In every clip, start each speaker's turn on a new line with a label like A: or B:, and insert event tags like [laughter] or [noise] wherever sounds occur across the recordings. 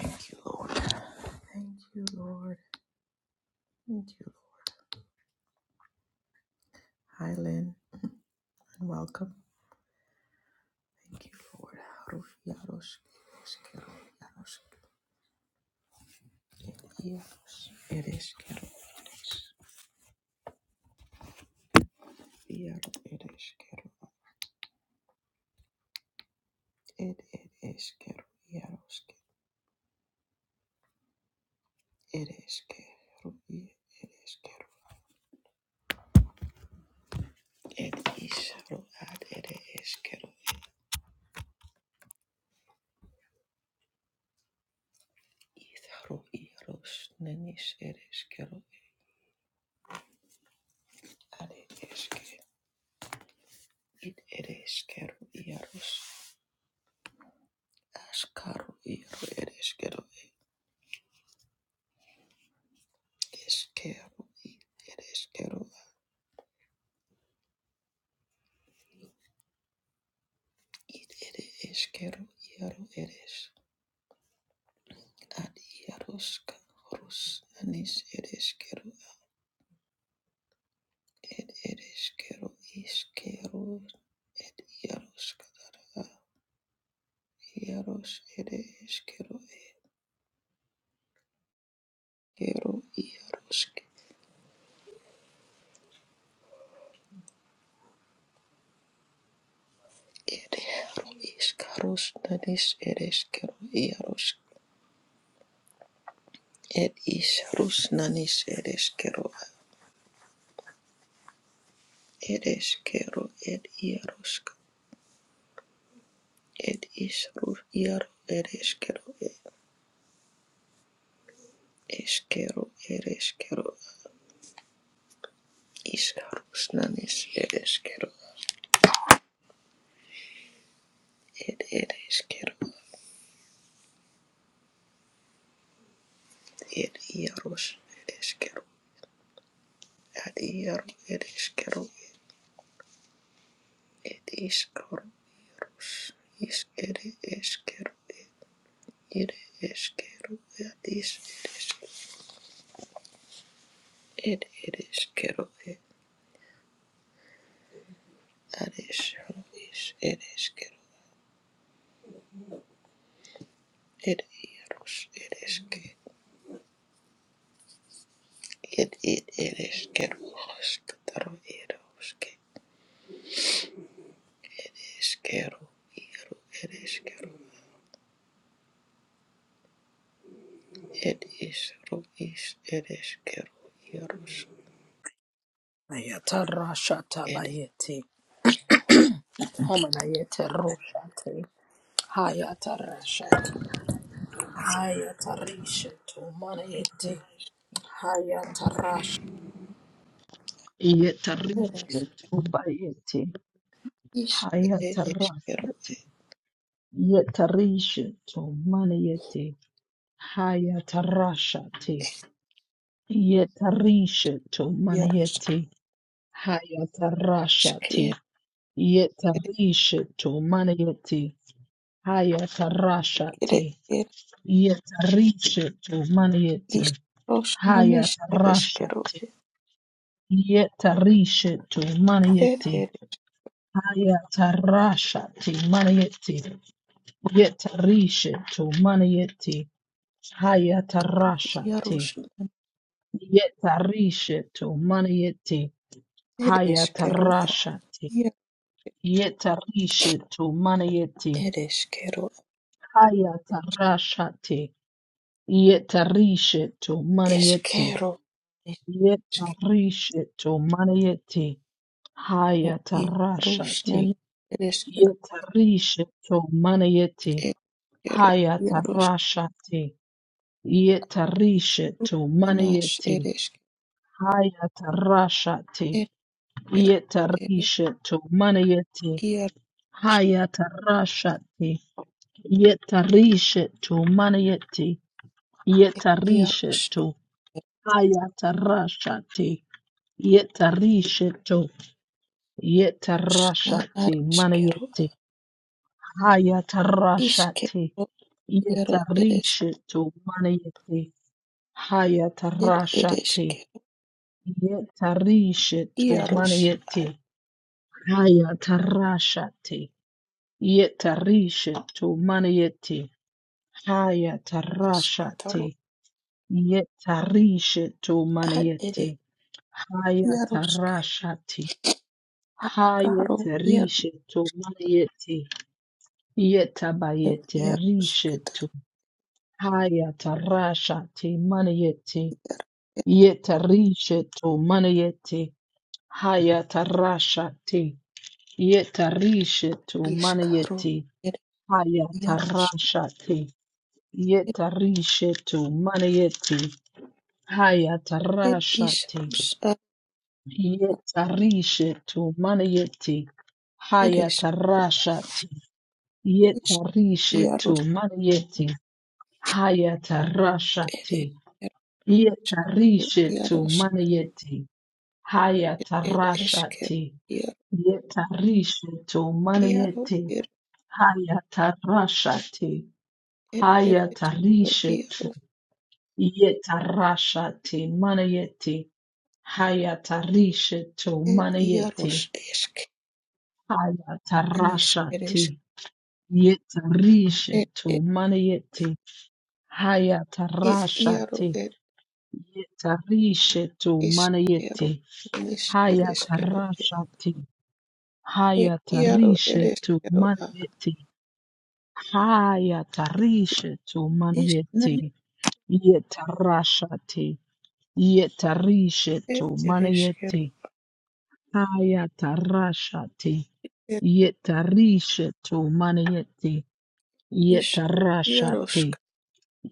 A: Thank you, Lord. Thank you, Lord. Thank you, Lord. Hi, Lynn, and welcome. Thank you, Lord. Harush, yarosh, eresh, kero, yarosh, ed, yarosh, eresh, kero, eresh, yaro, eresh, kero, ed, eresh, kero, yarosh, ke- kero, i, eresh, kero, ed, isharo, ad, eresh, kero, itharo, irosh, nenish, eresh, kero, ad, eresh, kero, id, eresh, kero, yarosh, Ashkaru iru ere eskeru e eskeru i ere eskeru id ere eskeru iaru ere es ad iaruska horus anis ere eskeru a ed ere eskeru iskeru ed iaruska dara a iarus ere eskeru eskeru iarusk ere haru iskarus nanis ere eskeru iarus ed isarus nanis ere eskeru ereshkigal, ed yaroshk, ed ishru, yar ereshkigal, ed eshkigal, ereshkigal, iskarusnanis, ereshkigal, ed ereshkigal, ed yarosh, ereshkigal, ad yar ereshkigal, ed iskarus, is ed eshkigal, ed eshkigal, ad is eresh, ed ereshkigal, ad ishru, is ereshkigal, ed yarosh, It it it is quero escutaro eros que es quero iero eres quero it is ro is eres quero ieros
B: Hayata rashata
A: it
B: bayeti. Homanayete roshate. Hayata
A: eres
B: rasha.
A: quero
B: Hayata rishetu
A: it
B: manayeti. Hayata rasha.
A: eres
B: Yetarishetu bayeti.
A: is
B: Hayata
A: eres quero
B: rashate. Yetarishetu manayeti. Hayata rashate. Yetarishetu
A: ieros
B: manayeti. Hayata
A: is
B: rashate.
A: quero
B: Yetarishetu manayeti.
A: ere
B: Hayatarashate.
A: ere
B: Yetarishetu manieti.
A: is ros non is eres quero
B: Hayatarashate.
A: it
B: Yetarishetu manieti.
A: ere
B: Hayatarashate manieti. Yetarishetu manieti.
A: ro
B: Hayatarashate.
A: ieros non
B: Yetarishetu manieti.
A: eres quero a
B: Hayatarashate.
A: ier
B: Yetarishetu manieti.
A: eres quero
B: Hayatarashate. Yetarishetu
A: es
B: manayeti.
A: quero
B: Yetarishetu manayeti.
A: ir išruškina
B: Hayatarashati.
A: erškero
B: Yetarishetu manayeti.
A: erškero
B: Hayatarashati. Yetarishetu
A: jaruškanas
B: manayeti.
A: erškė
B: Hayatarashati.
A: ir ir
B: Yetarishetu manayeti.
A: ir jaruš
B: Hayatarashati. Yetarishetu manayeti.
A: jaruš
B: Yetarishetu. Hayatarashati. Yetarisheto,
A: erškina
B: yetarashati,
A: erškero
B: manayeti, hayatarashati,
A: iškero jaro erš
B: yetarisheto, manayeti,
A: ir
B: hayatarashati,
A: erškero
B: yetarisheto,
A: jaruš
B: manayeti, hayatarashati, yetarisheto, manayeti,
A: atnašktaro
B: hayatarashati, yetarisheto,
A: at ir
B: manayeti,
A: jaruškė
B: hayatarashati,
A: aškaro
B: Hayete
A: ir
B: rishetu manayeti yetabayete
A: jaruškta
B: rishetu hayata rashati manayeti
A: ir
B: yeta rishetu manayeti hayata rashati yeta rishetu
A: iškaro
B: manayeti
A: ir
B: hayata
A: jaruš
B: rashati yeta rishetu manayeti hayata
A: ir
B: rashati
A: išruškina
B: yeta rishetu manayeti hayata rashati
A: Ish
B: Yetarishetu
A: iaros
B: manayeti
A: ere
B: hayatarashati.
A: ero
B: Yetarishetu
A: iaros
B: manayeti
A: ed esker
B: hayatarashati.
A: iar
B: Yetarishetu
A: iaro
B: manayeti
A: ir
B: hayatarashati.
A: ed ed eskero
B: Hayatarishetu
A: iaros
B: yetarashati manayeti hayatarishetu
A: ed
B: manayeti
A: iaros esk anis eres
B: hayatarashati.
A: ed
B: Yetarishetu
A: ed
B: manayeti Haya
A: ed
B: tarasha
A: iaro
B: te.
A: ed
B: Yetarishe tu mana
A: eskero
B: yeti.
A: anis ed
B: Haya
A: eskero ed
B: tarasha te.
A: ed
B: Haya
A: iaro ed
B: tarishe tu
A: eskero
B: mana
A: a
B: yeti. Haya
A: ed ed
B: tarishe tu mana
A: is nani
B: yeti. Yetarasha te. Yetarishe tu
A: ed ed
B: mana
A: eskero
B: yeti. Haya tarasha te.
A: ed
B: Yetarishe tu mana yeti.
A: is
B: Yetarasha
A: iarosk
B: te.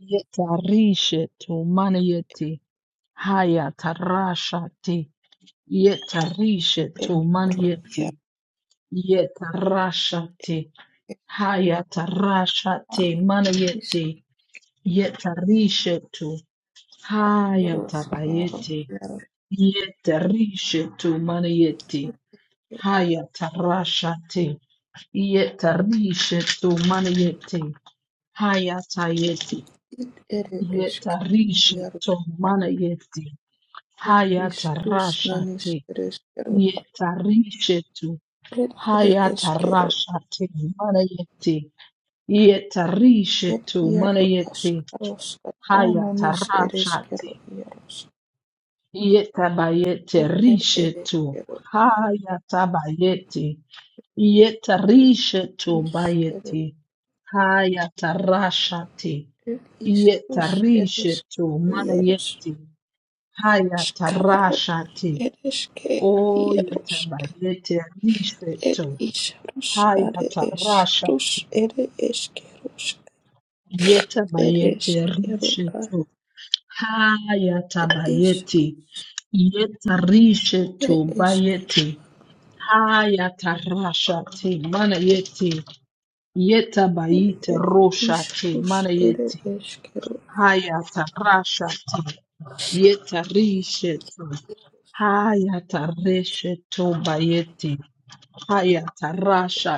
B: Yetarishe tu mana yeti. Haya tarashati yetarishe
A: eskero iar
B: tumaniyeti yetarashati
A: ed
B: haya tarashati
A: is
B: maniyeti yetarishe tu haya
A: iaroskero
B: tabayeti
A: iaro
B: yetarishe tu maniyeti haya tarashati yetarishe tu maniyeti haya tayeti
A: It ere eskero,
B: yetarishe tu maniyeti
A: it
B: haya
A: is rusnanis
B: tarashati
A: ereskero,
B: Yetarishetu
A: it ere eskero,
B: hayatarashate manayete.
A: it
B: Yetarishetu
A: iaro
B: manayete
A: askaros katananis
B: hayatarashate.
A: ereskero iaros,
B: Yetabayete
A: it ere
B: rishetu
A: ereskero,
B: hayatabayete.
A: rus
B: Yetarishetu
A: is ere,
B: bayete hayatarashate.
A: it is rus
B: Yetarishetu
A: ereskero iaros,
B: manayete
A: askaro
B: hayatarashate.
A: ereske
B: O
A: iaros,
B: yetabayete
A: it
B: rishetu.
A: is rus
B: Hai
A: are es,
B: hatarashati
A: rus ere eskeros,
B: yeta bayete
A: ereskero,
B: rishetu hayata
A: it is
B: bayete yeta rishetu
A: Ere eskero,
B: bayete hayata rashati mana yete yeta
A: id
B: bayete
A: ere
B: roshati
A: isrus,
B: mana
A: ere
B: yete
A: eskero,
B: hayata rashati yeta rishetu
A: iarus,
B: hayata reshetu bayete hayata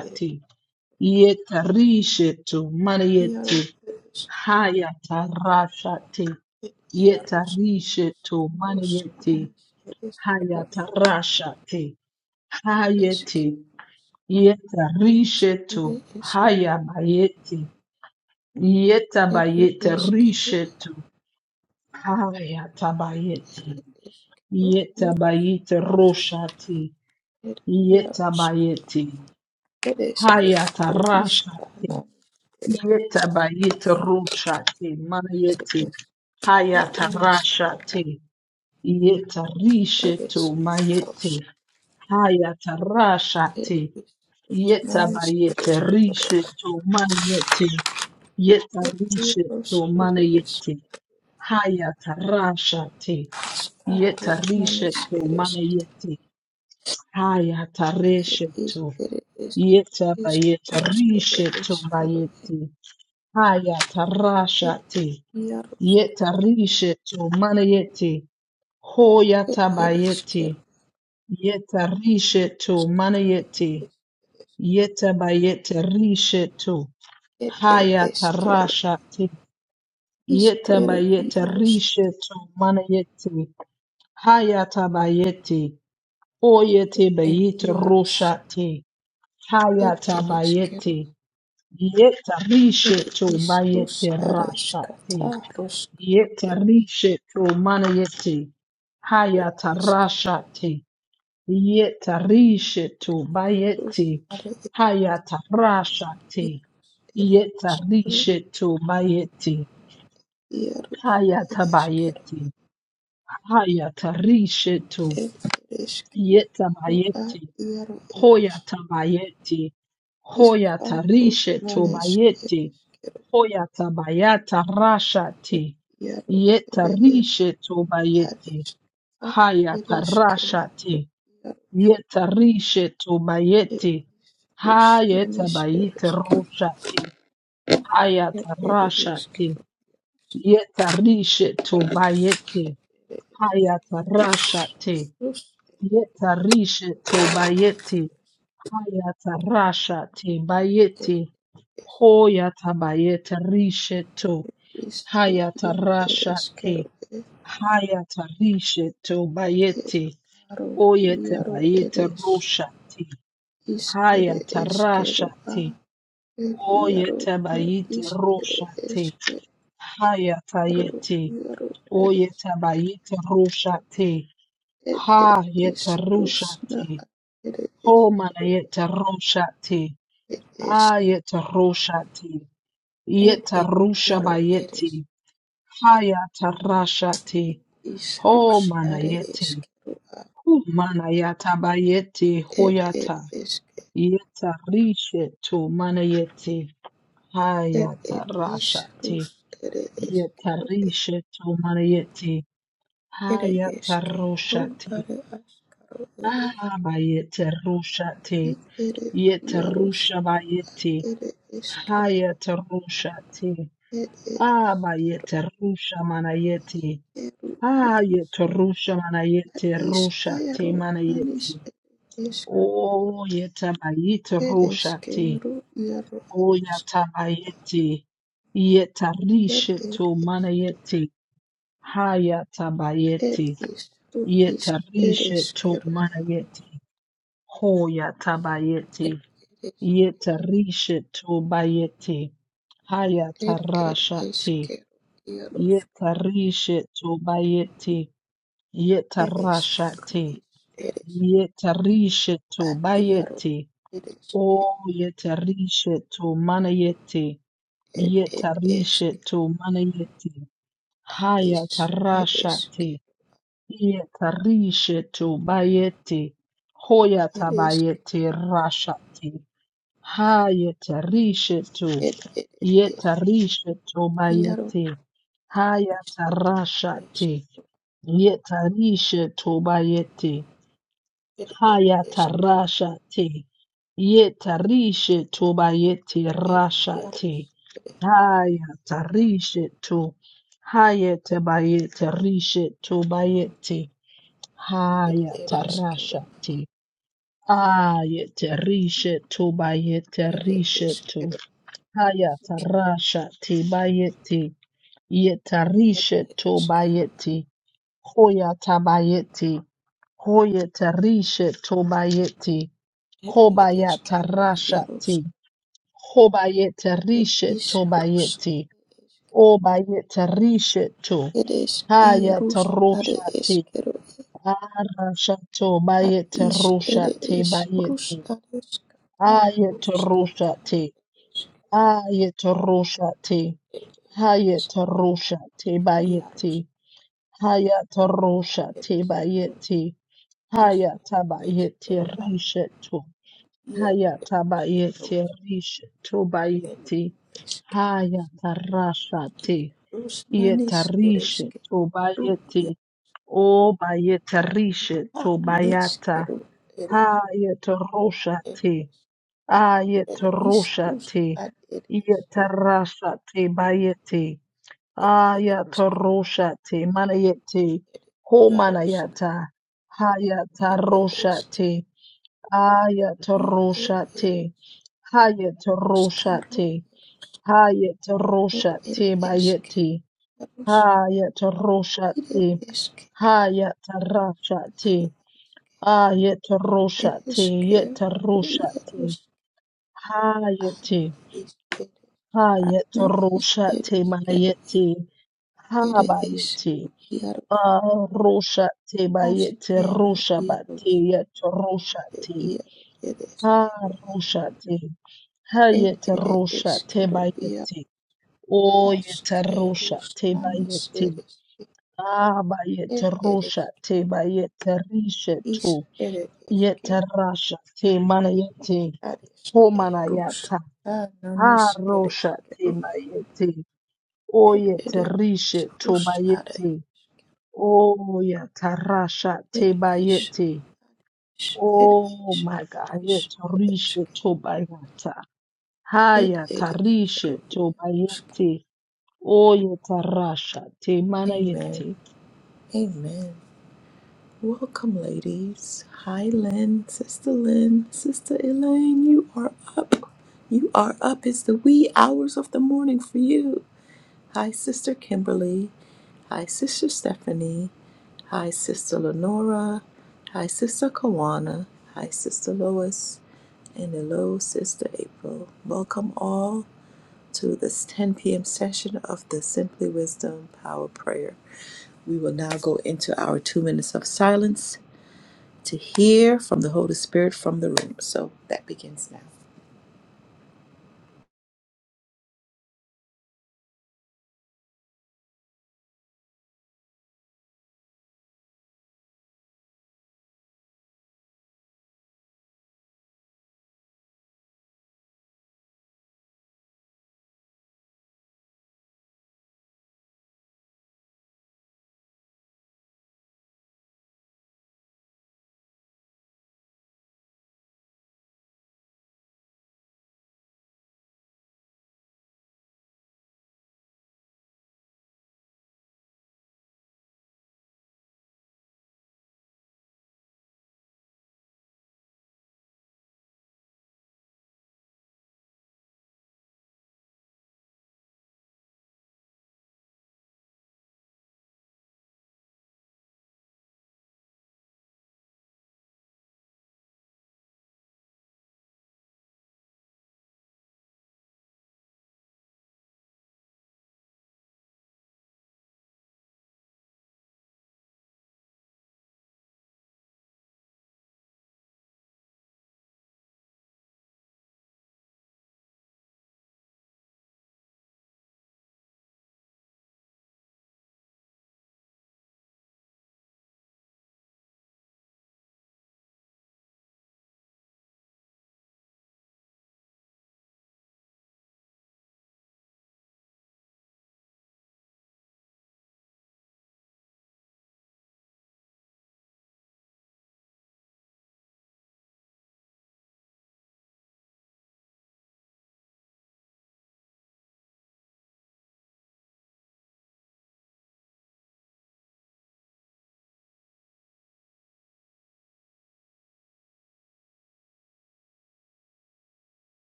A: ere
B: yeta rishetu mana
A: iaro,
B: yete
A: ere esk,
B: Haya tarasha te
A: ed iarus,
B: yetarishe to
A: rus,
B: maniete
A: ere eskero,
B: haya
A: ed
B: tarasha te hayete yetarishe
A: ere
B: to
A: esk,
B: haya bayete yeta
A: ere
B: bayete
A: eskero,
B: rishe to haya tabayete
A: ere eskero,
B: yeta
A: iarus,
B: bayete rosha te
A: ere
B: yeta
A: iarus,
B: bayete
A: ere
B: haya
A: eskero,
B: tarasha
A: iska, nas, ere
B: Yetabayit rushati mayeti
A: ere esk, ere eskero,
B: hayatarashati
A: ere
B: yetarishetu
A: eskerus,
B: mayeti
A: ed
B: hayatarashati
A: isrus, nanis, ere
B: yetabayete
A: esk,
B: rishetu mayeti
A: ed iarus,
B: yetarishetu
A: ere eskero.
B: manayeti hayatarashati
A: Aro nanis
B: yetarishetu
A: eres
B: manayeti
A: ed is
B: hayatareshetu
A: ere es is
B: yetabayete
A: os ere
B: rishetu
A: eskero
B: mayeti
A: ed ed
B: Hayatarashati.
A: iaros
B: Yetarishetu manayeti.
A: ed ere
B: Hoyatabayeti.
A: eskeros
B: Yetarishetu manayeti. Yetabayete rishetu.
A: ed ed eskero
B: Hayatarashati.
A: iskero
B: Yetabayete
A: iaros
B: rishetu manayeti. Hayatabayeti. Oyete
A: ed
B: bayete
A: iaros
B: roshati.
A: ed ere eskero
B: Hayatabayeti.
A: ere
B: Yetarishetu
A: is rus
B: bayete
A: are
B: rashati.
A: eskata rus ed
B: Yetarishe to mana yeti.
A: eskis
B: te Yetarishe to
A: rus
B: bayeti.
A: are ed ia
B: Hayatarashate.
A: ere eskero
B: Yetarishe to bayeti.
A: iaros ere eskero
B: Hayatabayeti. Hayatarishe to
A: ed ere eskero ad
B: yetabayeti.
A: iaro eres
B: Hoyatabayeti.
A: Iskarus
B: Hoyatarishe to
A: nanes
B: bayeti.
A: ereskero
B: Hoyatabayata
A: et
B: rashate.
A: iaro ere es
B: Yetarishe to bayeti.
A: areskata
B: Haya
A: ereske
B: tarashati
A: iaro
B: yetarishe
A: et
B: tubayeti
A: isrus
B: haya
A: nanes
B: tabayete
A: ereske
B: rushati haya
A: ere
B: tarashati
A: eskero
B: yetarishe tubayeti haya tarashati
A: rus
B: yetarishe tubayeti haya tarashati bayeti
A: ere es
B: hoya tabayete rishe tu
A: isru
B: haya
A: ir
B: tarashati
A: ereskero et
B: haya tarishe tubayeti
A: eskaro
B: Oyete
A: iaro
B: bayete
A: eres
B: roshati.
A: is ere
B: Haya
A: eskero a
B: tarashati.
A: et iaro
B: Oyete
A: na
B: bayete
A: is ere
B: roshati.
A: eskero
B: Haya tayete.
A: iaro
B: Oyete bayete roshati.
A: It it
B: Hayete
A: is Rusna.
B: roshati.
A: It is
B: Homana
A: Yaro.
B: yete roshati.
A: It is
B: Ayete roshati.
A: it
B: Yete
A: it
B: rusha
A: Yaro. It is
B: bayete. Haya tarashati.
A: is Rus.
B: Homana
A: It is
B: yete.
A: Kerua.
B: Humana yata bayete
A: It
B: hoyata.
A: it is
B: Yetarishe tu mana yeti.
A: it it is
B: Hayatarashati.
A: Rus. It is Keru.
B: Yetarishe tu mana yeti.
A: It is Keru. It is Keru.
B: Hayatarushati.
A: It is
B: Abayeterushati.
A: it it Yaros.
B: Yetarusha bayeti.
A: It is Keru.
B: Hayatarushati.
A: It it is Keru.
B: Abayeterusha mana yeti.
A: Keru Yaros.
B: Hayatarusha mana yeti.
A: Is
B: Rushati
A: Keru.
B: mana yeti.
A: Nanis. It is
B: Oh, yetabayete
A: it is
B: rushati.
A: Keru Yaro.
B: Oya tabayeti.
A: It
B: Yetarishe
A: it
B: to
A: is
B: manayeti. Haya
A: it
B: tabayeti.
A: is who is it
B: Yetarishe
A: is
B: to
A: kero
B: manayeti. Hoya
A: it
B: tabayeti.
A: it is
B: Yetarishe to bayeti. Haya
A: it it
B: tarasha
A: is
B: te.
A: kero iaros
B: Yetarishe to bayeti.
A: it is
B: Yetarasha
A: kero
B: te.
A: is it is
B: Yetarishe to
A: iaro
B: bayeti.
A: it is ke
B: O yetarishe to manayeti.
A: it it is
B: Yetarishe
A: ke
B: to manayeti. Haya
A: is it is ke
B: tarashati. Yetarishe to bayeti. Hoya
A: it is
B: tabayeti rashati. Haya tarishe to.
A: it it is
B: Yetarishe to
A: iaro
B: bayeti. Haya
A: is it is
B: tarashati. Yetarishe to bayeti.
A: it it
B: Haya
A: is
B: tarashati. Yetarishe to bayeti
A: it
B: rashati.
A: iaros
B: Haya tarishe tu. Haya tebayete rishe tu bayete.
A: it
B: Haya
A: it is kero
B: tarasha ti. Aye terishe tu bayete
A: it it
B: rishe
A: is
B: tu.
A: kero
B: Haya
A: it
B: tarasha ti bayete. Ye tarishe
A: it
B: tu
A: is kero
B: bayete. Hoya tabayete. Hoya tarishe tu bayete.
A: it it
B: Hobaya
A: is kero
B: tarasha ti.
A: iaros
B: Hobayete
A: It
B: rishe
A: is
B: tu
A: Rus
B: bayete. O bayetarishetu
A: it is ke Rus ad
B: hayataroshate
A: eskero
B: arashato
A: ad is it
B: bayetaroshate
A: is
B: bayete
A: Rus ad eskata Rus
B: ayetaroshate ayetaroshate
A: it is
B: hayataroshate bayete
A: Iarus it
B: hayataroshate
A: is kero
B: bayete
A: is it is
B: hayatabayete
A: kero ad
B: rishetu
A: Iaro it is kero
B: hayatabayete rishetu
A: it
B: bayete
A: is kero
B: hayatarashate
A: is Rus manis it is
B: Yetarishe
A: kero
B: tobayete o bayetarishe
A: Iara nes
B: tobayata
A: kero it is
B: ha yetarosha
A: it
B: te a
A: it is
B: yetarosha
A: Rus
B: te
A: ad it is kero
B: yetarasha te bayete
A: it
B: a
A: it is kero
B: yetarosha te manayete
A: It
B: ho
A: iaros.
B: manayata ha
A: It is
B: yetarosha te a
A: Kero, it
B: yetarosha te ha
A: is
B: yetarosha
A: Karos,
B: te ha
A: it
B: yetarosha
A: it
B: te
A: is
B: bayete
A: Keros,
B: Hayat
A: it
B: roshati,
A: is Kero,
B: Hayataroshati. Hayataroshati.
A: it
B: Hayataroshati.
A: is Kero, Iaros,
B: Yetaroshati. Hayati.
A: is it is Atner, is it
B: Hayataroshati.
A: is Kero,
B: Mayeti.
A: it is
B: Habayeti.
A: Iaros,
B: Aroshati.
A: as
B: Bayeti.
A: Kero,
B: Roshabati.
A: Iaros,
B: Yet
A: the
B: roshati,
A: Iaro, it
B: ha Yetaroshati.
A: is Kero,
B: Haroshati.
A: it it is
B: Hayataroshati.
A: Kero, Iaro,
B: Bayeti.
A: as Keros,
B: Oyetaroshati.
A: Nanis,
B: Bayeti.
A: it is
B: Ah, ba
A: it
B: yete
A: it
B: rusha
A: is
B: te
A: Kero,
B: ba yete rishe
A: is
B: tu
A: it is Kero.
B: yete rasha te mana yete ho mana
A: Ereskerus
B: yata
A: anonis
B: Ah, rusha te
A: ereskerus
B: ba yete o
A: ed
B: yete
A: ere
B: rishe tu
A: isrus
B: ba
A: are
B: yete o yata rasha te
A: ed
B: ba
A: is
B: yete
A: is ed
B: oh my
A: isru
B: god
A: is
B: yete rishe
A: areske
B: tu ba bayata ha
A: ed
B: yata rishe
A: ereskeru
B: tu ba
A: iaruske.
B: yete o yete rasha te mana
A: Amen.
B: yete
A: Amen. Welcome, ladies. Hi, Lynn, Sister Lynn, Sister Elaine. You are up. You are up. It's the wee hours of the morning for you. Hi, Sister Kimberly. Hi, Sister Stephanie. Hi, Sister Lenora. Hi, Sister Kawana. Hi, Sister Lois. And hello, Sister April. Welcome all to this 10 p.m. session of the Simply Wisdom Power Prayer. We will now go into our two minutes of silence to hear from the Holy Spirit from the room. So that begins now.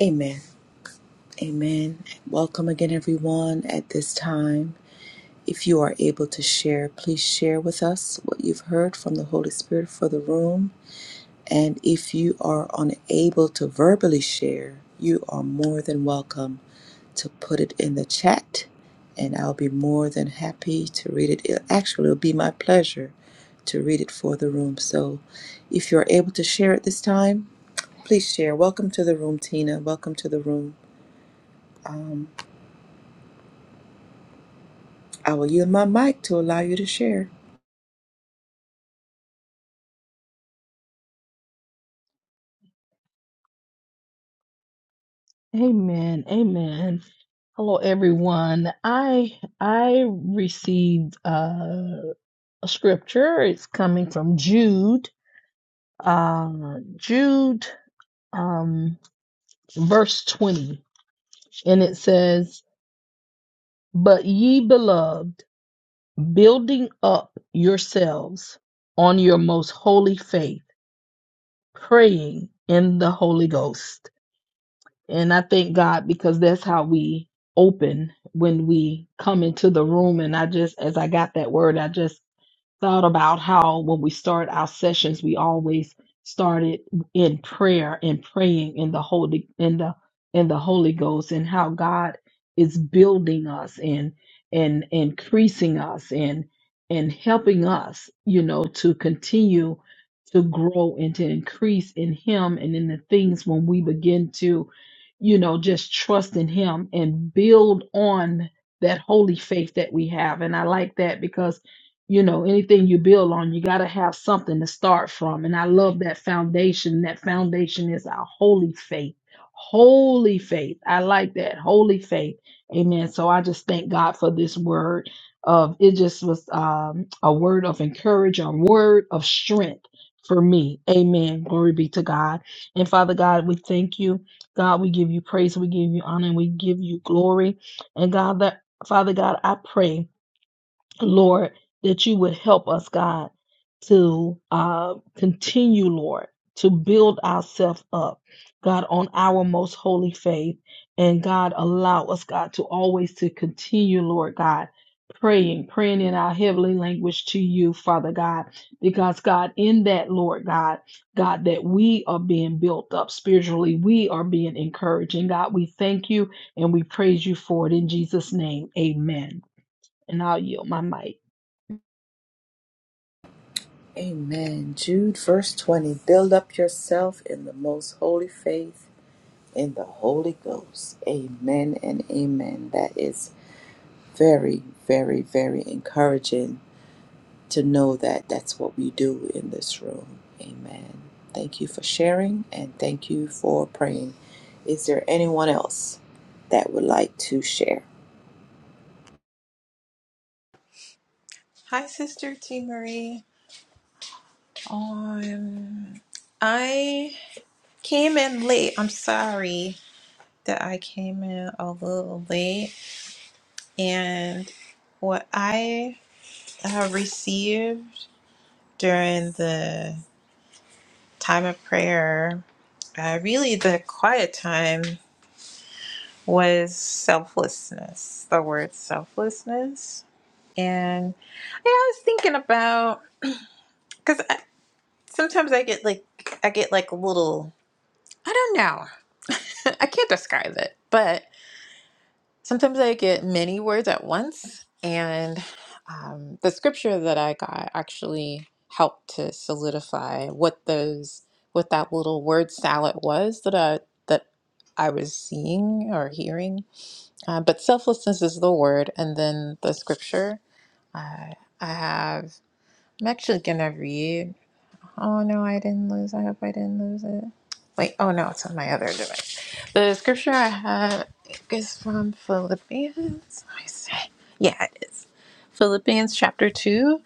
A: Amen. Amen. Welcome again, everyone, at this time. If you are able to share, please share with us what you've heard from the Holy Spirit for the room. And if you are unable to verbally share, you are more than welcome to put it in the chat, and I'll be more than happy to read it. It- Actually, it'll be my pleasure to read it for the room. So if you're able to share it this time, please share. Welcome to the room, Tina. Welcome to the room. Um, I will yield my mic to allow you to share.
B: amen amen Hello, everyone. I I received uh, a scripture. It's coming from Jude, uh, Jude, um, verse twenty, and it says, "But ye beloved, building up yourselves on your most holy faith, praying in the Holy Ghost." And I thank God because that's how we open when we come into the room. And I just, as I got that word, I just thought about how when we start our sessions, we always started in prayer and praying in the holy in the in the Holy Ghost and how God is building us and and increasing us and and helping us, you know, to continue to grow and to increase in Him and in the things when we begin to, you know, just trust in Him and build on that holy faith that we have. And I like that because you know anything you build on you got to have something to start from and i love that foundation that foundation is our holy faith holy faith i like that holy faith amen so i just thank god for this word of it just was um, a word of encouragement a word of strength for me amen glory be to god and father god we thank you god we give you praise we give you honor and we give you glory and god that father god i pray Lord, that you would help us, God, to uh, continue, Lord, to build ourselves up, God, on our most holy faith. And God, allow us, God, to always to continue, Lord God, praying, praying in our heavenly language to you, Father God, because God, in that, Lord God, God, that we are being built up spiritually, we are being encouraged. And God, we thank you and we praise you for it in Jesus' name. Amen. And I'll yield my mic.
A: Amen. Jude, verse 20. Build up yourself in the most holy faith in the Holy Ghost. Amen and amen. That is very, very, very encouraging to know that that's what we do in this room. Amen. Thank you for sharing and thank you for praying. Is there anyone else that would like to share?
C: Hi, Sister T. Marie. Um, I came in late. I'm sorry that I came in a little late. And what I have received during the time of prayer, uh, really the quiet time, was selflessness, the word selflessness. And yeah, I was thinking about because sometimes I get like I get like little I don't know. [laughs] I can't describe it, but sometimes I get many words at once. And um, the scripture that I got actually helped to solidify what those what that little word salad was that I that I was seeing or hearing. Uh, but selflessness is the word, and then the scripture. Uh, I have. I'm actually gonna read. Oh no, I didn't lose. I hope I didn't lose it. Wait, oh no, it's on my other device. The scripture I have is from Philippians. I say, yeah, it is. Philippians chapter 2.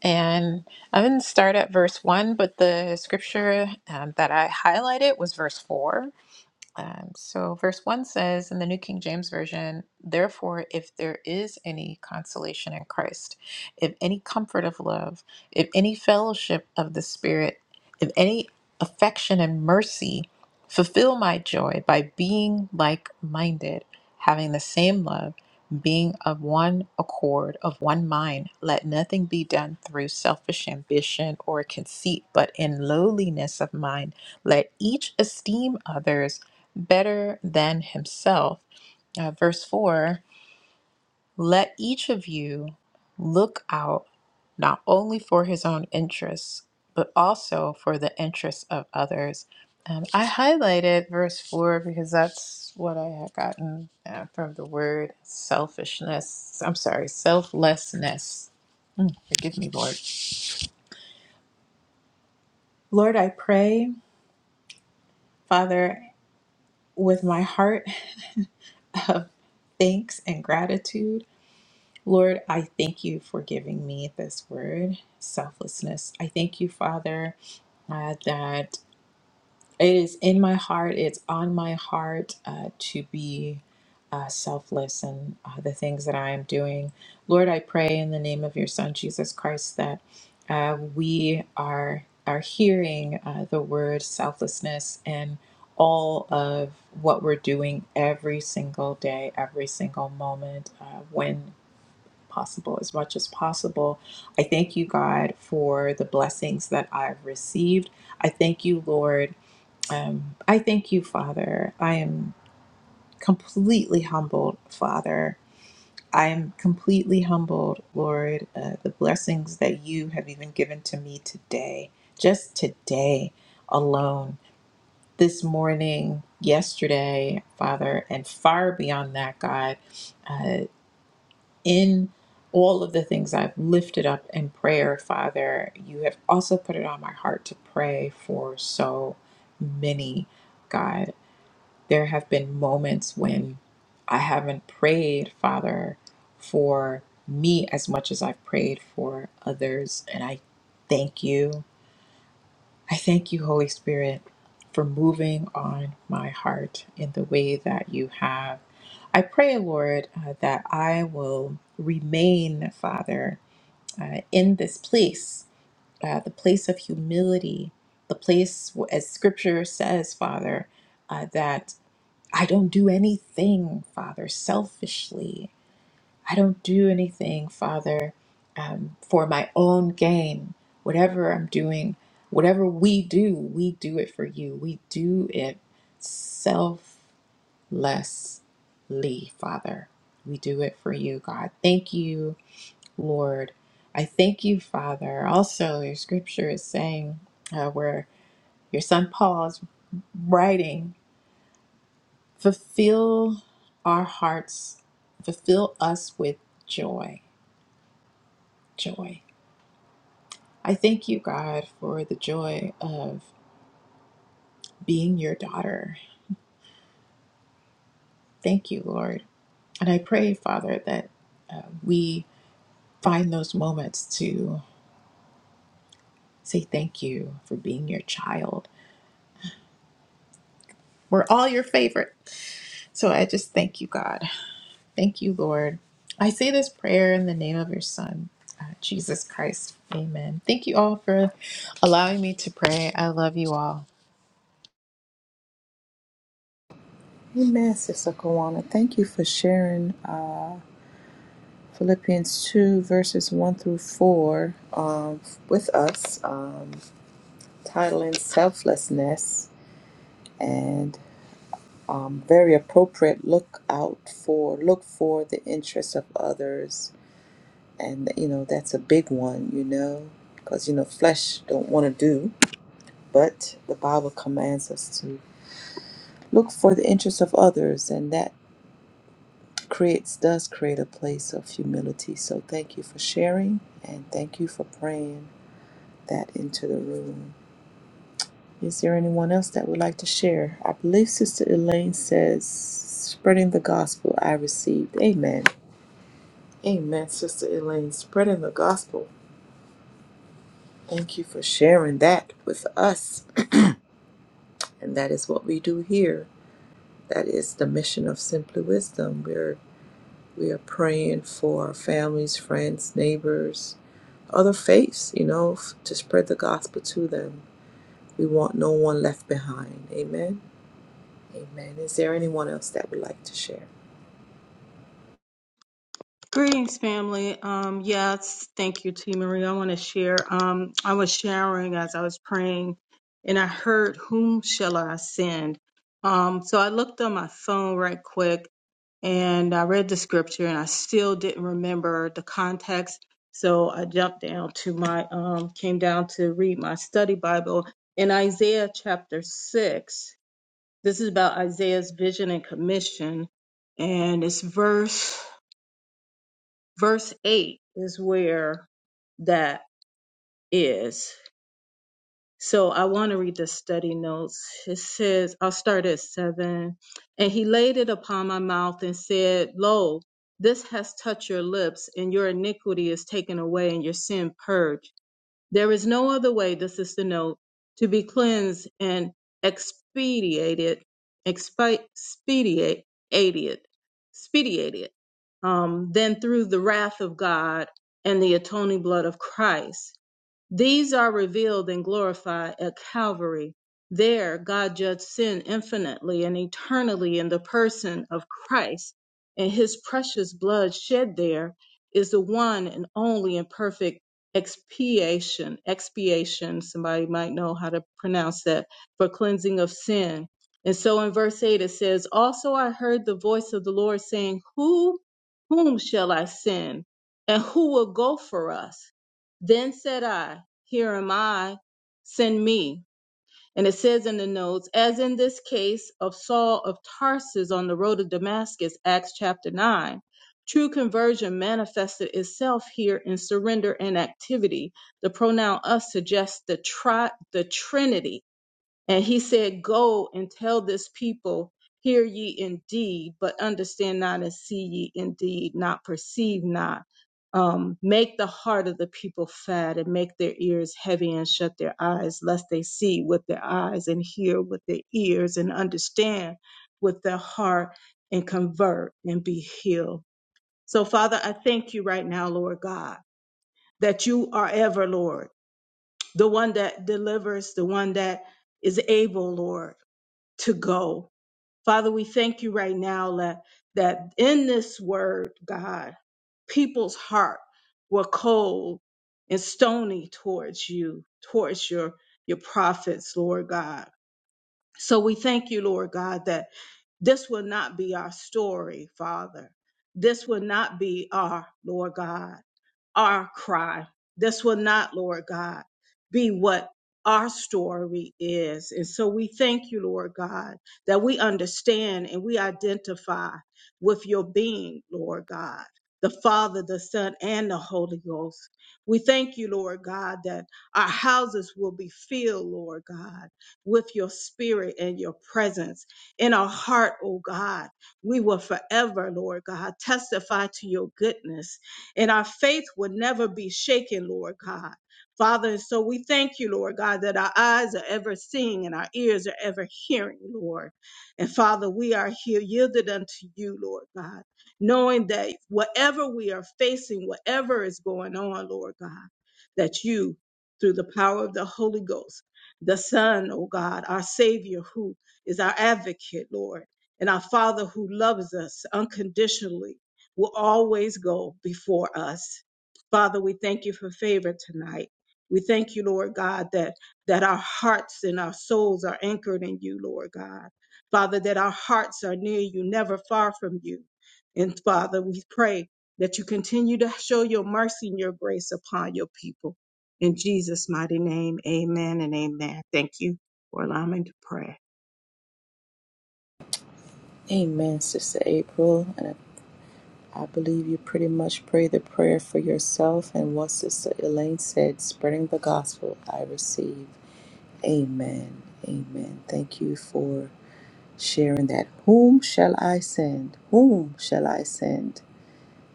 C: And I'm going to start at verse 1, but the scripture um, that I highlighted was verse 4. Um, so, verse 1 says in the New King James Version, Therefore, if there is any consolation in Christ, if any comfort of love, if any fellowship of the Spirit, if any affection and mercy, fulfill my joy by being like minded, having the same love, being of one accord, of one mind. Let nothing be done through selfish ambition or conceit, but in lowliness of mind, let each esteem others better than himself. Uh, verse 4 Let each of you look out not only for his own interests, but also for the interests of others. Um, I highlighted verse 4 because that's what I had gotten uh, from the word selfishness. I'm sorry, selflessness. Mm, forgive me, Lord. Lord, I pray, Father, with my heart [laughs] of thanks and gratitude. Lord, I thank you for giving me this word, selflessness. I thank you, Father, uh, that it is in my heart, it's on my heart uh, to be uh, selfless and uh, the things that I am doing. Lord, I pray in the name of your Son, Jesus Christ, that uh, we are, are hearing uh, the word selflessness in all of what we're doing every single day, every single moment, uh, when possible, as much as possible. I thank you, God, for the blessings that I've received. I thank you, Lord. Um, I thank you, Father. I am completely humbled, Father. I am completely humbled, Lord, uh, the blessings that you have even given to me today, just today alone, this morning, yesterday, Father, and far beyond that, God. Uh, in all of the things I've lifted up in prayer, Father, you have also put it on my heart to pray for so many, God. There have been moments when I haven't prayed, Father, for me as much as I've prayed for others. And I thank you I thank you, Holy Spirit, for moving on my heart in the way that you have. I pray, Lord, uh, that I will remain, Father, uh, in this place, uh, the place of humility, the place, as scripture says, Father, uh, that I don't do anything, Father, selfishly. I don't do anything, Father, um, for my own gain. Whatever I'm doing, whatever we do, we do it for you. We do it selflessly, Father. We do it for you, God. Thank you, Lord. I thank you, Father. Also, your scripture is saying uh, where your son Paul is writing, fulfill our hearts, fulfill us with joy, joy. I thank you, God, for the joy of being your daughter. Thank you, Lord. And I pray, Father, that uh, we find those moments to say thank you for being your child. We're all your favorite. So I just thank you, God. Thank you, Lord. I say this prayer in the name of your Son, uh, Jesus Christ. Amen. Thank you all for allowing me to pray. I love you all.
A: Amen, Sister Kawana. Thank you for sharing. Uh, Philippians 2, verses 1 through 4, um, with us, um, titling Selflessness and um, very appropriate look out for, look for the interests of others. And, you know, that's a big one, you know, because, you know, flesh don't want to do, but the Bible commands us to look for the interests of others. And that creates, does create a place of humility. So thank you for sharing and thank you for praying. that into the room. Is there anyone else that would like to share? I believe Sister Elaine says, spreading the gospel I received. Amen. Amen, Sister Elaine, spreading the gospel. Thank you for sharing that with us. And that is what we do here. That is the mission of Simply Wisdom. We're we are praying for our families, friends, neighbors, other faiths, you know, f- to spread the gospel to them. We want no one left behind. Amen. Amen. Is there anyone else that would like to share?
D: Greetings, family. Um, yes, thank you, T. Marie. I want to share. Um, I was sharing as I was praying, and I heard, "Whom shall I send?" Um, so I looked on my phone right quick, and I read the scripture, and I still didn't remember the context. So I jumped down to my, um, came down to read my study Bible in Isaiah chapter six. This is about Isaiah's vision and commission, and it's verse verse 8 is where that is. So I want to read the study notes. It says, I'll start at 7. And he laid it upon my mouth and said, Lo, this has touched your lips, and your iniquity is taken away, and your sin purged. There is no other way, the sister note, to be cleansed and expediated, expi- expediate, aided, expediated, um, than through the wrath of God and the atoning blood of Christ. These are revealed and glorified at Calvary. There, God judged sin infinitely and eternally in the person of Christ, and his precious blood shed there is the one and only and perfect expiation. Expiation, somebody might know how to pronounce that, for cleansing of sin. And so in verse 8 it says, Also I heard the voice of the Lord saying, Who, whom shall I send? And who will go for us? Then said I, Here am I, send me. And it says in the notes, as in this case of Saul of Tarsus on the road to Damascus, Acts chapter 9, true conversion manifested itself here in surrender and activity. The pronoun us suggests the, tri- the Trinity and he said, Go and tell this people, hear ye indeed, but understand not and see ye indeed, not perceive not. Um, make the heart of the people fat and make their ears heavy and shut their eyes, lest they see with their eyes and hear with their ears and understand with their heart and convert and be healed. So, Father, I thank you right now, Lord God, that you are ever, Lord, the one that delivers, the one that is able, Lord to go. Father, we thank you right now that, that in this word, God, people's heart were cold and stony towards you, towards your, your prophets, Lord God. So we thank you, Lord God, that this will not be our story, Father. This will not be our, Lord God our cry. This will not, Lord God, be what our story is. And so we thank you, Lord God, that we understand and we identify with your being, Lord God, the Father, the Son, and the Holy Ghost. We thank you, Lord God, that our houses will be filled, Lord God, with your spirit and your presence in our heart, oh God. We will forever, Lord God, testify to your goodness and our faith would never be shaken, Lord God. Father, so we thank you, Lord God, that our eyes are ever seeing and our ears are ever hearing, Lord. And Father, we are here yielded unto you, Lord God, knowing that whatever we are facing, whatever is going on, Lord God, that you, through the power of the Holy Ghost, the Son, oh God, our Savior, who is our advocate, Lord, and our Father who loves us unconditionally, will always go before us. Father, we thank you for favor tonight. We thank you, Lord God, that, that our hearts and our souls are anchored in you, Lord God. Father, that our hearts are near you, never far from you. And Father, we pray that you continue to show your mercy and your grace upon your people. In Jesus' mighty name, amen and amen. Thank you for allowing me to pray.
A: Amen, Sister April. And I I believe you pretty much pray the prayer for yourself and what Sister Elaine said, spreading the gospel I receive. Amen. Amen. Thank you for sharing that. Whom shall I send? Whom shall I send?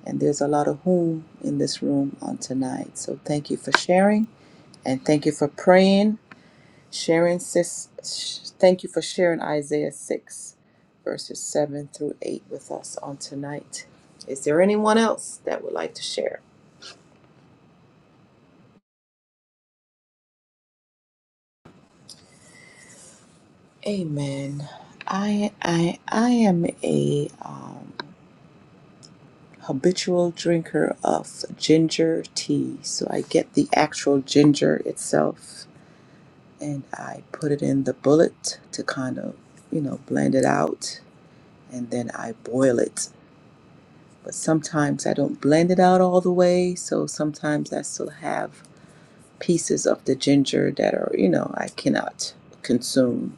A: And there's a lot of whom in this room on tonight. So thank you for sharing and thank you for praying. Sharon, sis, sh- thank you for sharing Isaiah 6, verses 7 through 8 with us on tonight. Is there anyone else that would like to share? Amen. I I I am a um, habitual drinker of ginger tea, so I get the actual ginger itself and I put it in the bullet to kind of you know blend it out, and then I boil it but sometimes I don't blend it out all the way. So sometimes I still have pieces of the ginger that are, you know, I cannot consume.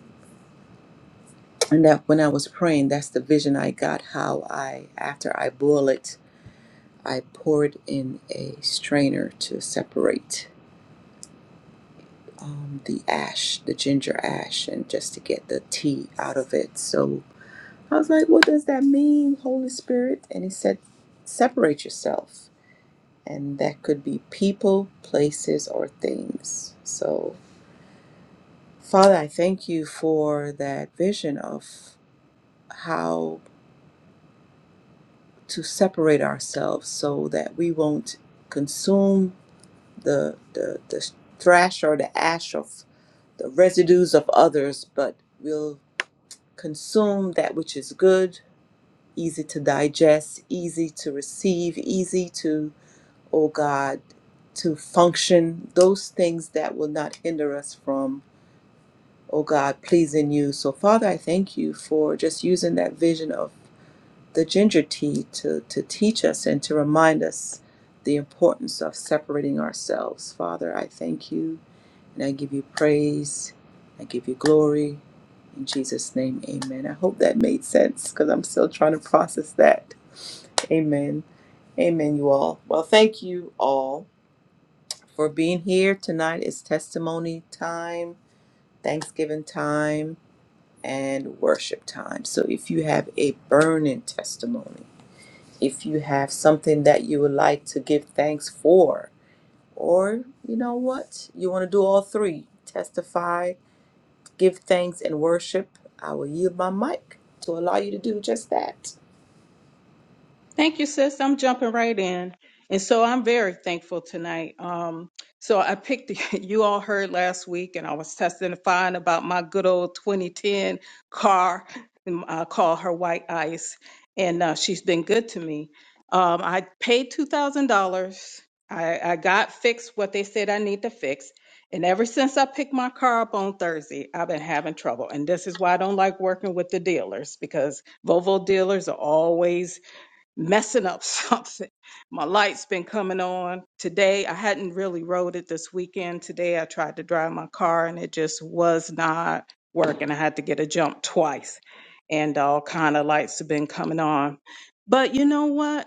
A: And that when I was praying, that's the vision I got how I, after I boil it, I pour it in a strainer to separate um, the ash, the ginger ash, and just to get the tea out of it. So I was like, what does that mean, Holy Spirit? And he said, separate yourself. and that could be people, places, or things. So, Father, I thank you for that vision of how to separate ourselves so that we won't consume the, the, the thrash or the ash of the residues of others, but we'll consume that which is good, easy to digest, easy to receive, easy to, oh God, to function, those things that will not hinder us from oh God, please in you. So, Father, I thank you for just using that vision of the ginger tea to, to teach us and to remind us the importance of separating ourselves. Father, I thank you and I give you praise. I give you glory. In Jesus' name, amen. I hope that made sense because I'm still trying to process that. Amen. Amen, you all. Well, thank you all for being here. Tonight is testimony time, Thanksgiving time and worship time. So if you have a burning testimony, if you have something that you would like to give thanks for, or you know what, you want to do all three testify, give thanks, and worship, I will yield my mic to allow you to do just that.
D: Thank you, sis. I'm jumping right in. And so I'm very thankful tonight. Um, so I picked, [laughs] you all heard last week, and I was testifying about my good old 2010 car. and I call her White Ice, and uh, she's been good to me. Um, I paid $2,000. I, I got fixed what they said I need to fix. And ever since I picked my car up on Thursday, I've been having trouble. And this is why I don't like working with the dealers because Volvo dealers are always messing up [laughs] something. My light's been coming on today. I hadn't really rode it this weekend. Today I tried to drive my car and it just was not working. I had to get a jump twice and all kind of lights have been coming on. But you know what?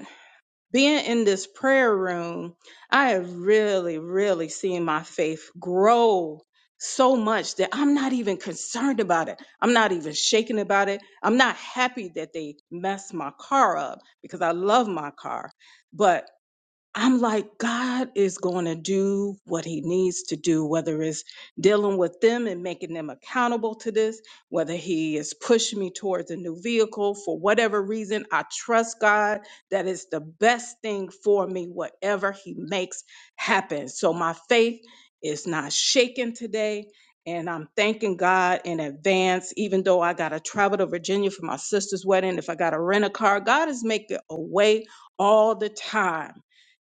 D: being in this prayer room, I have really, really seen my faith grow so much that I'm not even concerned about it. I'm not even shaken about it. I'm not happy that they messed my car up because I love my car. But I'm like, God is going to do what he needs to do, whether it's dealing with them and making them accountable to this, whether he is pushing me towards a new vehicle for whatever reason. I trust God that it's the best thing for me, whatever he makes happen. So my faith is not shaken today. And I'm thanking God in advance, even though I got to travel to Virginia for my sister's wedding. If I got to rent a car, God is making a way all the time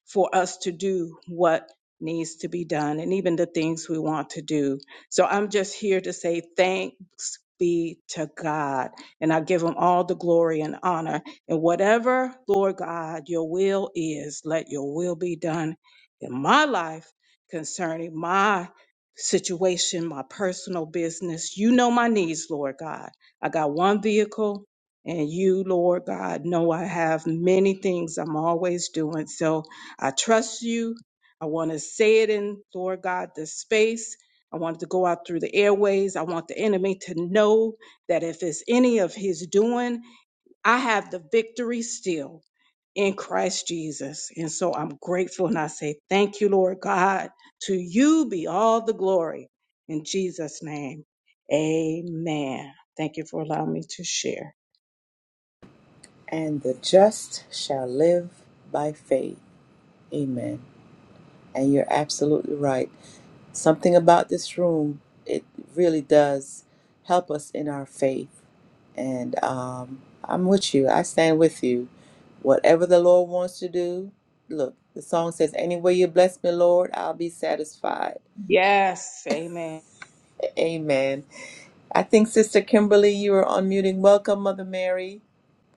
D: for us to do what needs to be done and even the things we want to do. So I'm just here to say thanks be to God. And I give him all the glory and honor. And whatever, Lord God, your will is, let your will be done in my life concerning my situation, my personal business. You know my needs, Lord God. I got one vehicle. And you, Lord God, know I have many things I'm always doing. So I trust you. I want to say it in, Lord God, this space. I want it to go out through the airways. I want the enemy to know that if it's any of his doing, I have the victory still in Christ Jesus. And so I'm grateful and I say, Thank you, Lord God. To you be all the glory. In Jesus' name, amen. Thank you for allowing me to share.
A: And the just shall live by faith. Amen. And you're absolutely right. Something about this room, it really does help us in our faith. And um, I'm with you. I stand with you. Whatever the Lord wants to do, look, the song says, Any way you bless me, Lord, I'll be satisfied.
D: Yes, amen.
A: Amen. I think Sister Kimberly, you are unmuting. Welcome, Mother Mary.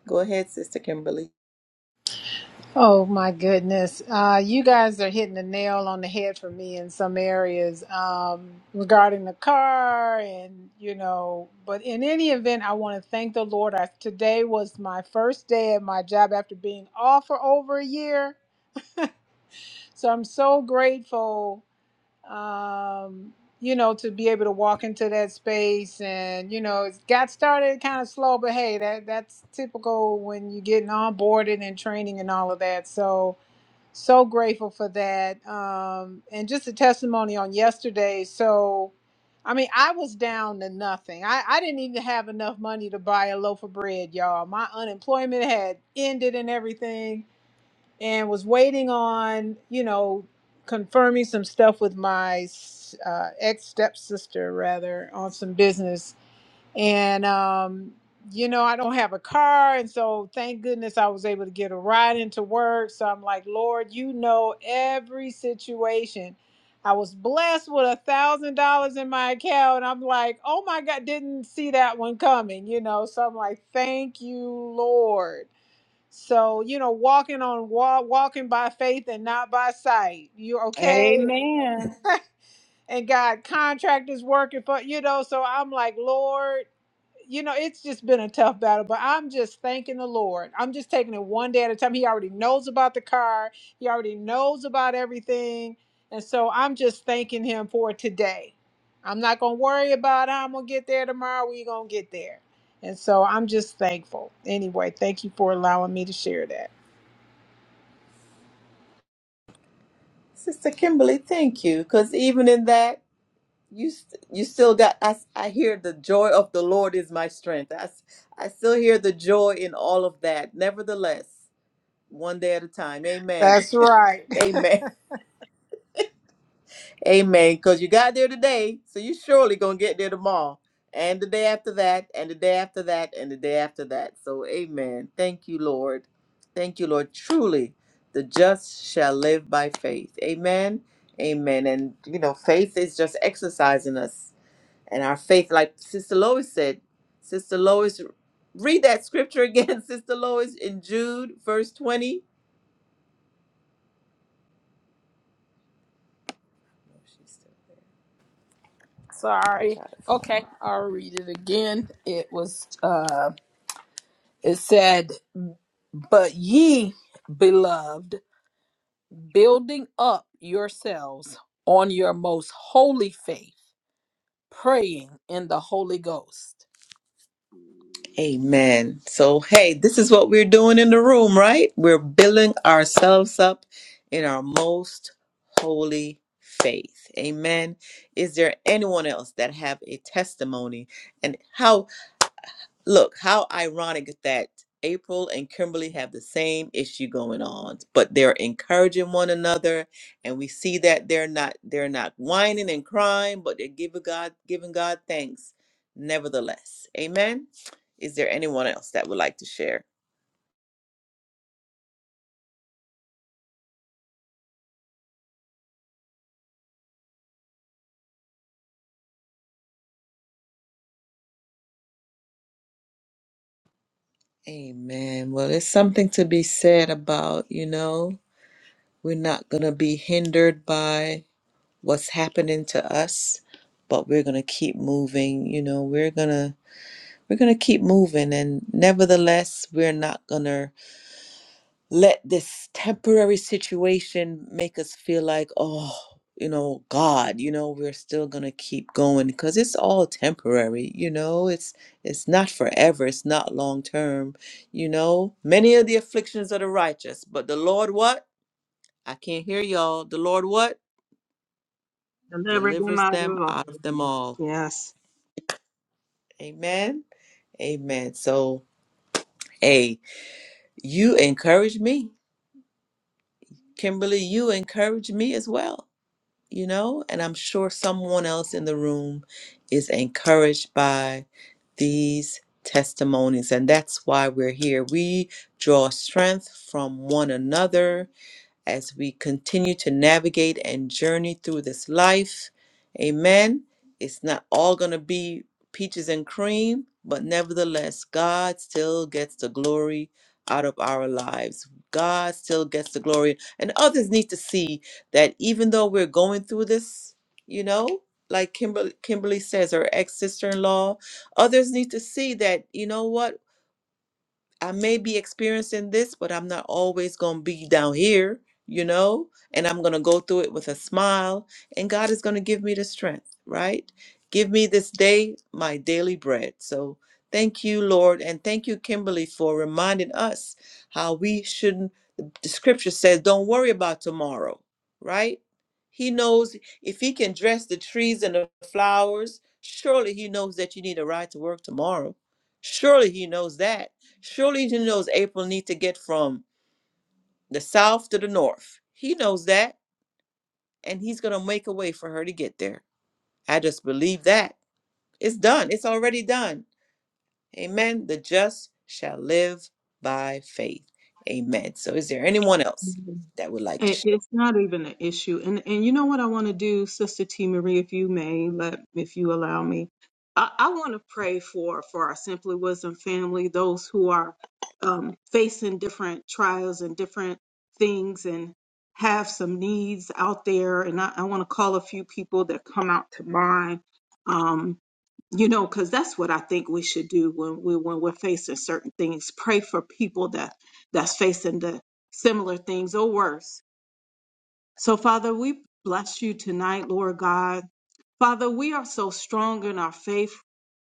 A: Go ahead, Sister Kimberly.
E: Oh my goodness. Uh, you guys are hitting the nail on the head for me in some areas um, regarding the car and, you know, but in any event, I want to thank the Lord. I, today was my first day at my job after being off for over a year. So I'm so grateful, um, you know, to be able to walk into that space and, you know, it got started kind of slow, but hey, that, that's typical when you're getting onboarded and training and all of that. So, so grateful for that. Um, and just a testimony on yesterday. So, I mean, I was down to nothing. I, I didn't even have enough money to buy a loaf of bread, y'all. My unemployment had ended and everything, and was waiting on, you know, confirming some stuff with my s- uh, ex stepsister, rather, on some business and um you know i don't have a car and so thank goodness i was able to get a ride into work so i'm like lord you know every situation i was blessed with a thousand dollars in my account i'm like oh my god didn't see that one coming you know so i'm like thank you lord so you know walking on wa- walking by faith and not by sight you okay
D: Amen.
E: [laughs] and god contractors working for you know so i'm like lord you know, it's just been a tough battle, but I'm just thanking the Lord. I'm just taking it one day at a time. He already knows about the car, He already knows about everything. And so I'm just thanking Him for today. I'm not going to worry about how I'm going to get there tomorrow. we are going to get there. And so I'm just thankful. Anyway, thank you for allowing me to share that.
A: Sister Kimberly, thank you. Because even in that, you st- you still got I, s- I hear the joy of the lord is my strength I, s- I still hear the joy in all of that nevertheless one day at a time amen
E: That's right.
A: [laughs] amen amen because you got there today so you surely gonna get there tomorrow and the day after that and the day after that and the day after that so amen thank you lord thank you lord truly the just shall live by faith amen amen and you know faith is just exercising us and our faith like sister lois said sister lois read that scripture again [laughs] sister lois in jude verse 20 i'll
B: Sorry.
A: try to find
B: Okay, I'll read it again. It was uh it said, "But ye, beloved, building up yourselves on your most holy faith, praying in the Holy Ghost."
A: it. amen so hey this is what we're doing in the room right we're building ourselves up in our most holy faith amen is there anyone else that have a testimony and how Look, how ironic that April and Kimberly have the same issue going on, but they're encouraging one another, and we see that they're not they're not whining and crying, but they're giving God giving God thanks nevertheless. Amen. Is there anyone else that would like to share? Amen. Well, there's something to be said about, you know, we're not going to be hindered by what's happening to us, but we're going to keep moving. You know, we're going to We're going to keep moving, and nevertheless, we're not going to let this temporary situation make us feel like, oh, you know, God, you know, we're still going to keep going because it's all temporary, you know, it's it's not forever, it's not long term, you know. Many of the afflictions of the righteous, but the Lord what? I can't hear y'all. The Lord what?
D: Deliver them
A: Delivers
D: out
A: them
D: of all.
A: out of
D: of
A: them
D: them.
A: all.
D: Yes.
A: Amen. Amen. So, hey, you encourage me Kimberly, you encourage me as well, you know, and I'm sure someone else in the room is encouraged by these testimonies. And that's why we're here. We draw strength from one another as we continue to navigate and journey through this life. Amen. It's not all going to be peaches and cream, but nevertheless, God still gets the glory out of our lives. God still gets the glory. And others need to see that even though we're going through this, you know, like Kimberly, Kimberly says, her ex sister in law, others need to see that, you know what? I may be experiencing this, but I'm not always going to be down here, you know? And I'm going to go through it with a smile, and God is going to give me the strength, right? Give me this day my daily bread. So thank you, Lord. And thank you, Kimberly, for reminding us how we shouldn't. The scripture says, don't worry about tomorrow, right? He knows if he can dress the trees and the flowers, surely he knows that you need a ride to work tomorrow. Surely he knows that. Surely he knows April need to get from the south to the north. He knows that, and he's gonna make a way for her to get there. I just believe that. It's done. It's already done. Amen. The just shall live by faith. Amen. So is there anyone else
D: Mhm.
A: that would like to
D: It,
A: share?
D: it's not even an issue. And and you know what I want to do, Sister T. Marie, if you may, let if you allow me. I, I want to pray for for our Simply Wisdom family, those who are um, facing different trials and different things and have some needs out there. And I, I want to call a few people that come out to mind. Um, you know because that's what i think we should do when we when we're facing certain things pray for people that that's facing the similar things or worse so, Father, we bless you tonight, Lord God. Father, we are so strong in our faith.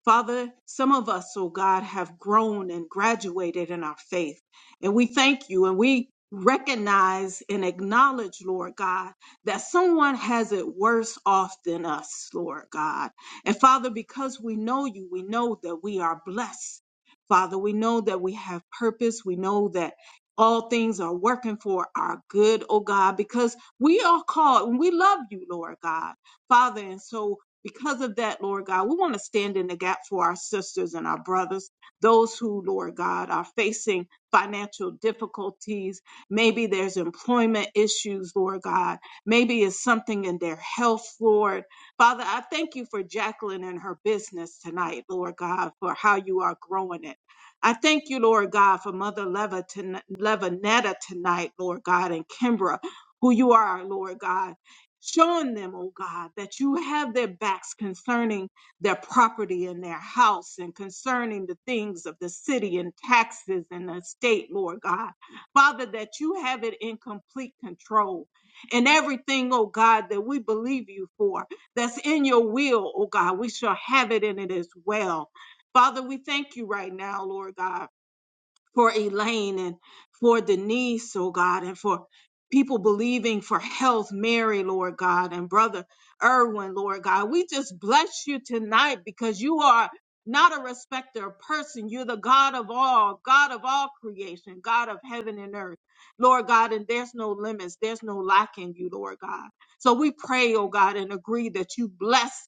D: Father, some of us, oh God, have grown and graduated in our faith. And we thank you and we recognize and acknowledge, Lord God, that someone has it worse off than us, Lord God. And Father, because we know you, we know that we are blessed. Father, we know that we have purpose. We know that all things are working for our good, oh God, because we are called and we love you, Lord God, Father. And so, because of that, Lord God, we want to stand in the gap for our sisters and our brothers, those who, Lord God, are facing financial difficulties. Maybe there's employment issues, Lord God. Maybe it's something in their health, Lord. Father, I thank you for Jacqueline and her business tonight, Lord God, for how you are growing it. I thank you, Lord God, for Mother Leva ton- Levanetta tonight, Lord God, and Kimbra who you are, Lord God. Showing them, oh God, that you have their backs concerning their property and their house and concerning the things of the city and taxes and the state, Lord God. Father, that you have it in complete control. And everything, oh God, that we believe you for, that's in your will, oh God, we shall have it in it as well. Father, we thank you right now, Lord God for Elaine and for Denise, oh God, and for people believing for health, Mary, Lord God, and Brother Irwin, Lord God. We just bless you tonight because you are not a respecter of person. You're the God of all, God of all creation, God of heaven and earth, Lord God, and there's no limits, there's no lack in you, Lord God. So we pray, oh God, and agree that you bless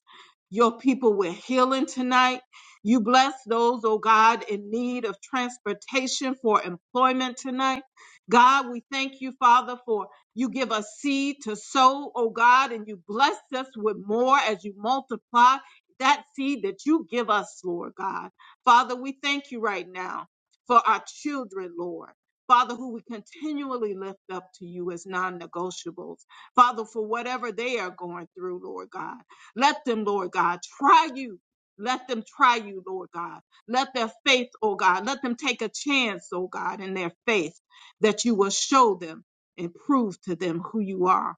D: your people with healing tonight you bless those, oh God, in need of transportation for employment tonight. God, we thank you, Father, for you give us seed to sow, oh God, and you bless us with more as you multiply that seed that you give us, Lord God. Father, we thank you right now for our children, Lord. Father, who we continually lift up to you as non negotiables. Father, for whatever they are going through, Lord God. Let them, Lord God, try you let them try you, Lord God. Let their faith, oh God, let them take a chance, oh God, in their faith that you will show them and prove to them who you are.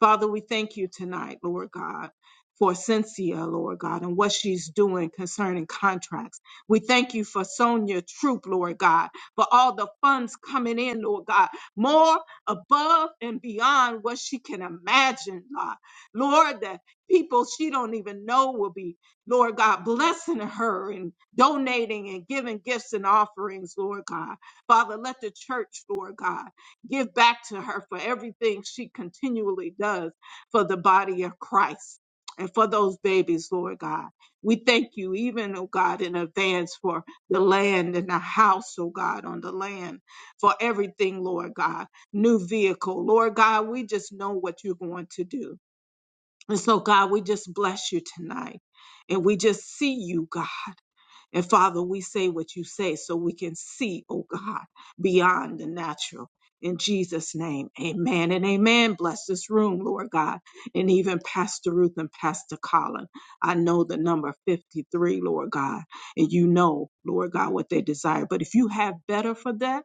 D: Father, we thank you tonight, Lord God, for Cynthia, Lord God, and what she's doing concerning contracts. We thank you for Sonia Troop, Lord God, for all the funds coming in, Lord God, more above and beyond what she can imagine, God. Lord, that people she don't even know will be Lord God, blessing her and donating and giving gifts and offerings, Lord God. Father, let the church, Lord God, give back to her for everything she continually does for the body of Christ and for those babies, Lord God. We thank you, even, oh God, in advance for the land and the house, oh God, on the land, for everything, Lord God. New vehicle, Lord God, we just know what you're going to do. And so, God, we just bless you tonight. And we just see you, God. And Father, we say what you say so we can see, oh God, beyond the natural. In Jesus' name, amen and amen. Bless this room, Lord God. And even Pastor Ruth and Pastor Colin. I know the number 53, Lord God. And you know, Lord God, what they desire. But if you have better for that,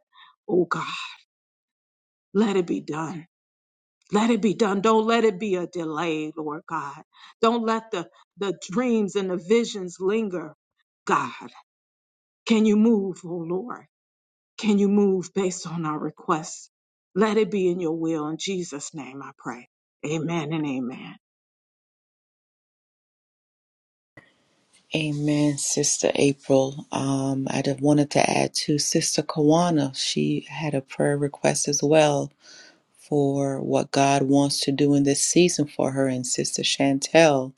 D: oh God, let it be done. Let it be done. Don't let it be a delay, Lord God. Don't let the, the dreams and the visions linger. God, can you move, oh Lord? Can you move based on our requests? Let it be in your will. In Jesus' name I pray. Amen and amen.
A: Amen, Sister April. Um, I would have wanted to add to Sister Kawana. She had a prayer request as well for what God wants to do in this season for her and Sister Chantel.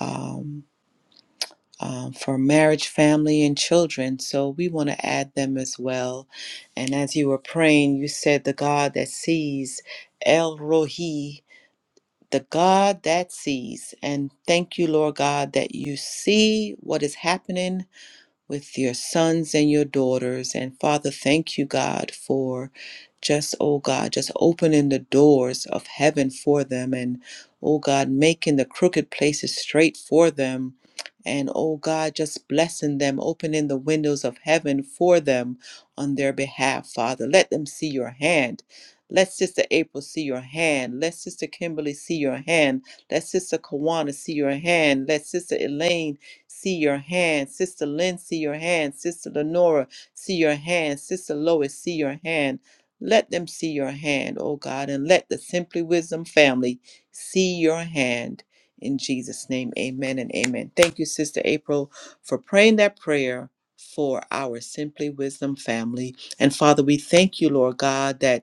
A: um, um, for marriage, family, and children. So we want to add them as well. And as you were praying, you said the God that sees, El Rohi, the God that sees. And thank you, Lord God, that you see what is happening with your sons and your daughters. And Father, thank you, God, for just, oh God, just opening the doors of heaven for them and, oh God, making the crooked places straight for them. And oh God, just blessing them, opening the windows of heaven for them on their behalf, Father. Let them see your hand. Let Sister April see your hand. Let Sister Kimberly see your hand. Let Sister Kawana see your hand. Let Sister Elaine see your hand. Sister Lynn, see your hand. Sister Lenora, see your hand. Sister Lois, see your hand. Let them see your hand, oh God, and let the Simply Wisdom family see your hand. In Jesus' name, amen and amen. Thank you, Sister April, for praying that prayer for our Simply Wisdom family. And Father, we thank you, Lord God, that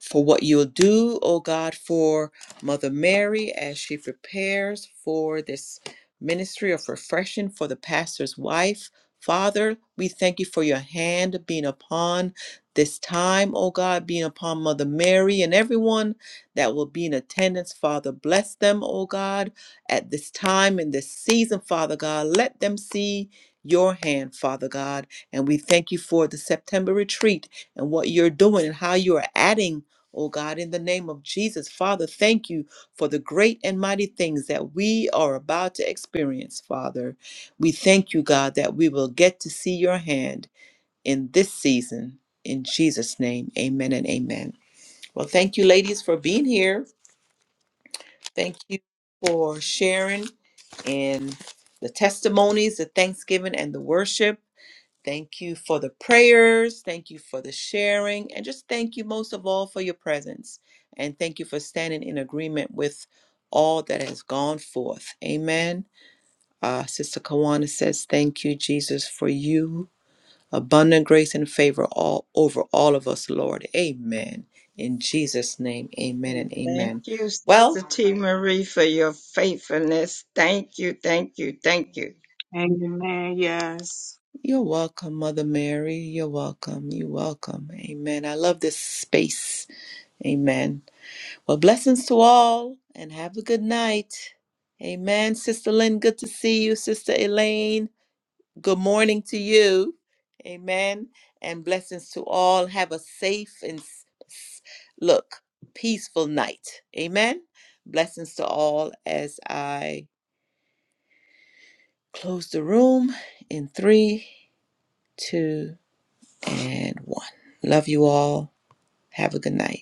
A: for what you'll do, oh God, for Mother Mary as she prepares for this ministry of refreshing for the pastor's wife. Father, we thank you for your hand being upon this time, oh God, being upon Mother Mary and everyone that will be in attendance. Father, bless them, oh God, at this time in this season, Father God. Let them see your hand, Father God. And we thank you for the September retreat and what you're doing and how you are adding Oh God, in the name of Jesus, Father, thank you for the great and mighty things that we are about to experience, Father. We thank you, God, that we will get to see your hand in this season. In Jesus' name, amen and amen. Well, thank you, ladies, for being here. Thank you for sharing in the testimonies, the thanksgiving, and the worship. Thank you for the prayers. Thank you for the sharing. And just thank you most of all for your presence. And thank you for standing in agreement with all that has gone forth. Amen. Uh, Sister Kawana says, Thank you, Jesus, for you. Abundant grace and favor all over all of us, Lord. Amen. In Jesus' name, amen
F: And
A: and
F: thank
A: amen.
F: you, Sister
A: Well,
F: T. Marie, for your faithfulness. Thank you, thank you, thank you.
D: Amen. Yes.
A: you're welcome, Mother Mary. You're welcome. You're welcome. Amen. I love this space. Amen. Well, blessings to all and have a good night. Amen. Sister Lynn, good to see you. Sister Elaine, good morning to you. Amen. And blessings to all. Have a safe and s- s- look, peaceful night. Amen. Blessings to all as I close the room in three, two, and one. Love you all. Have a good night.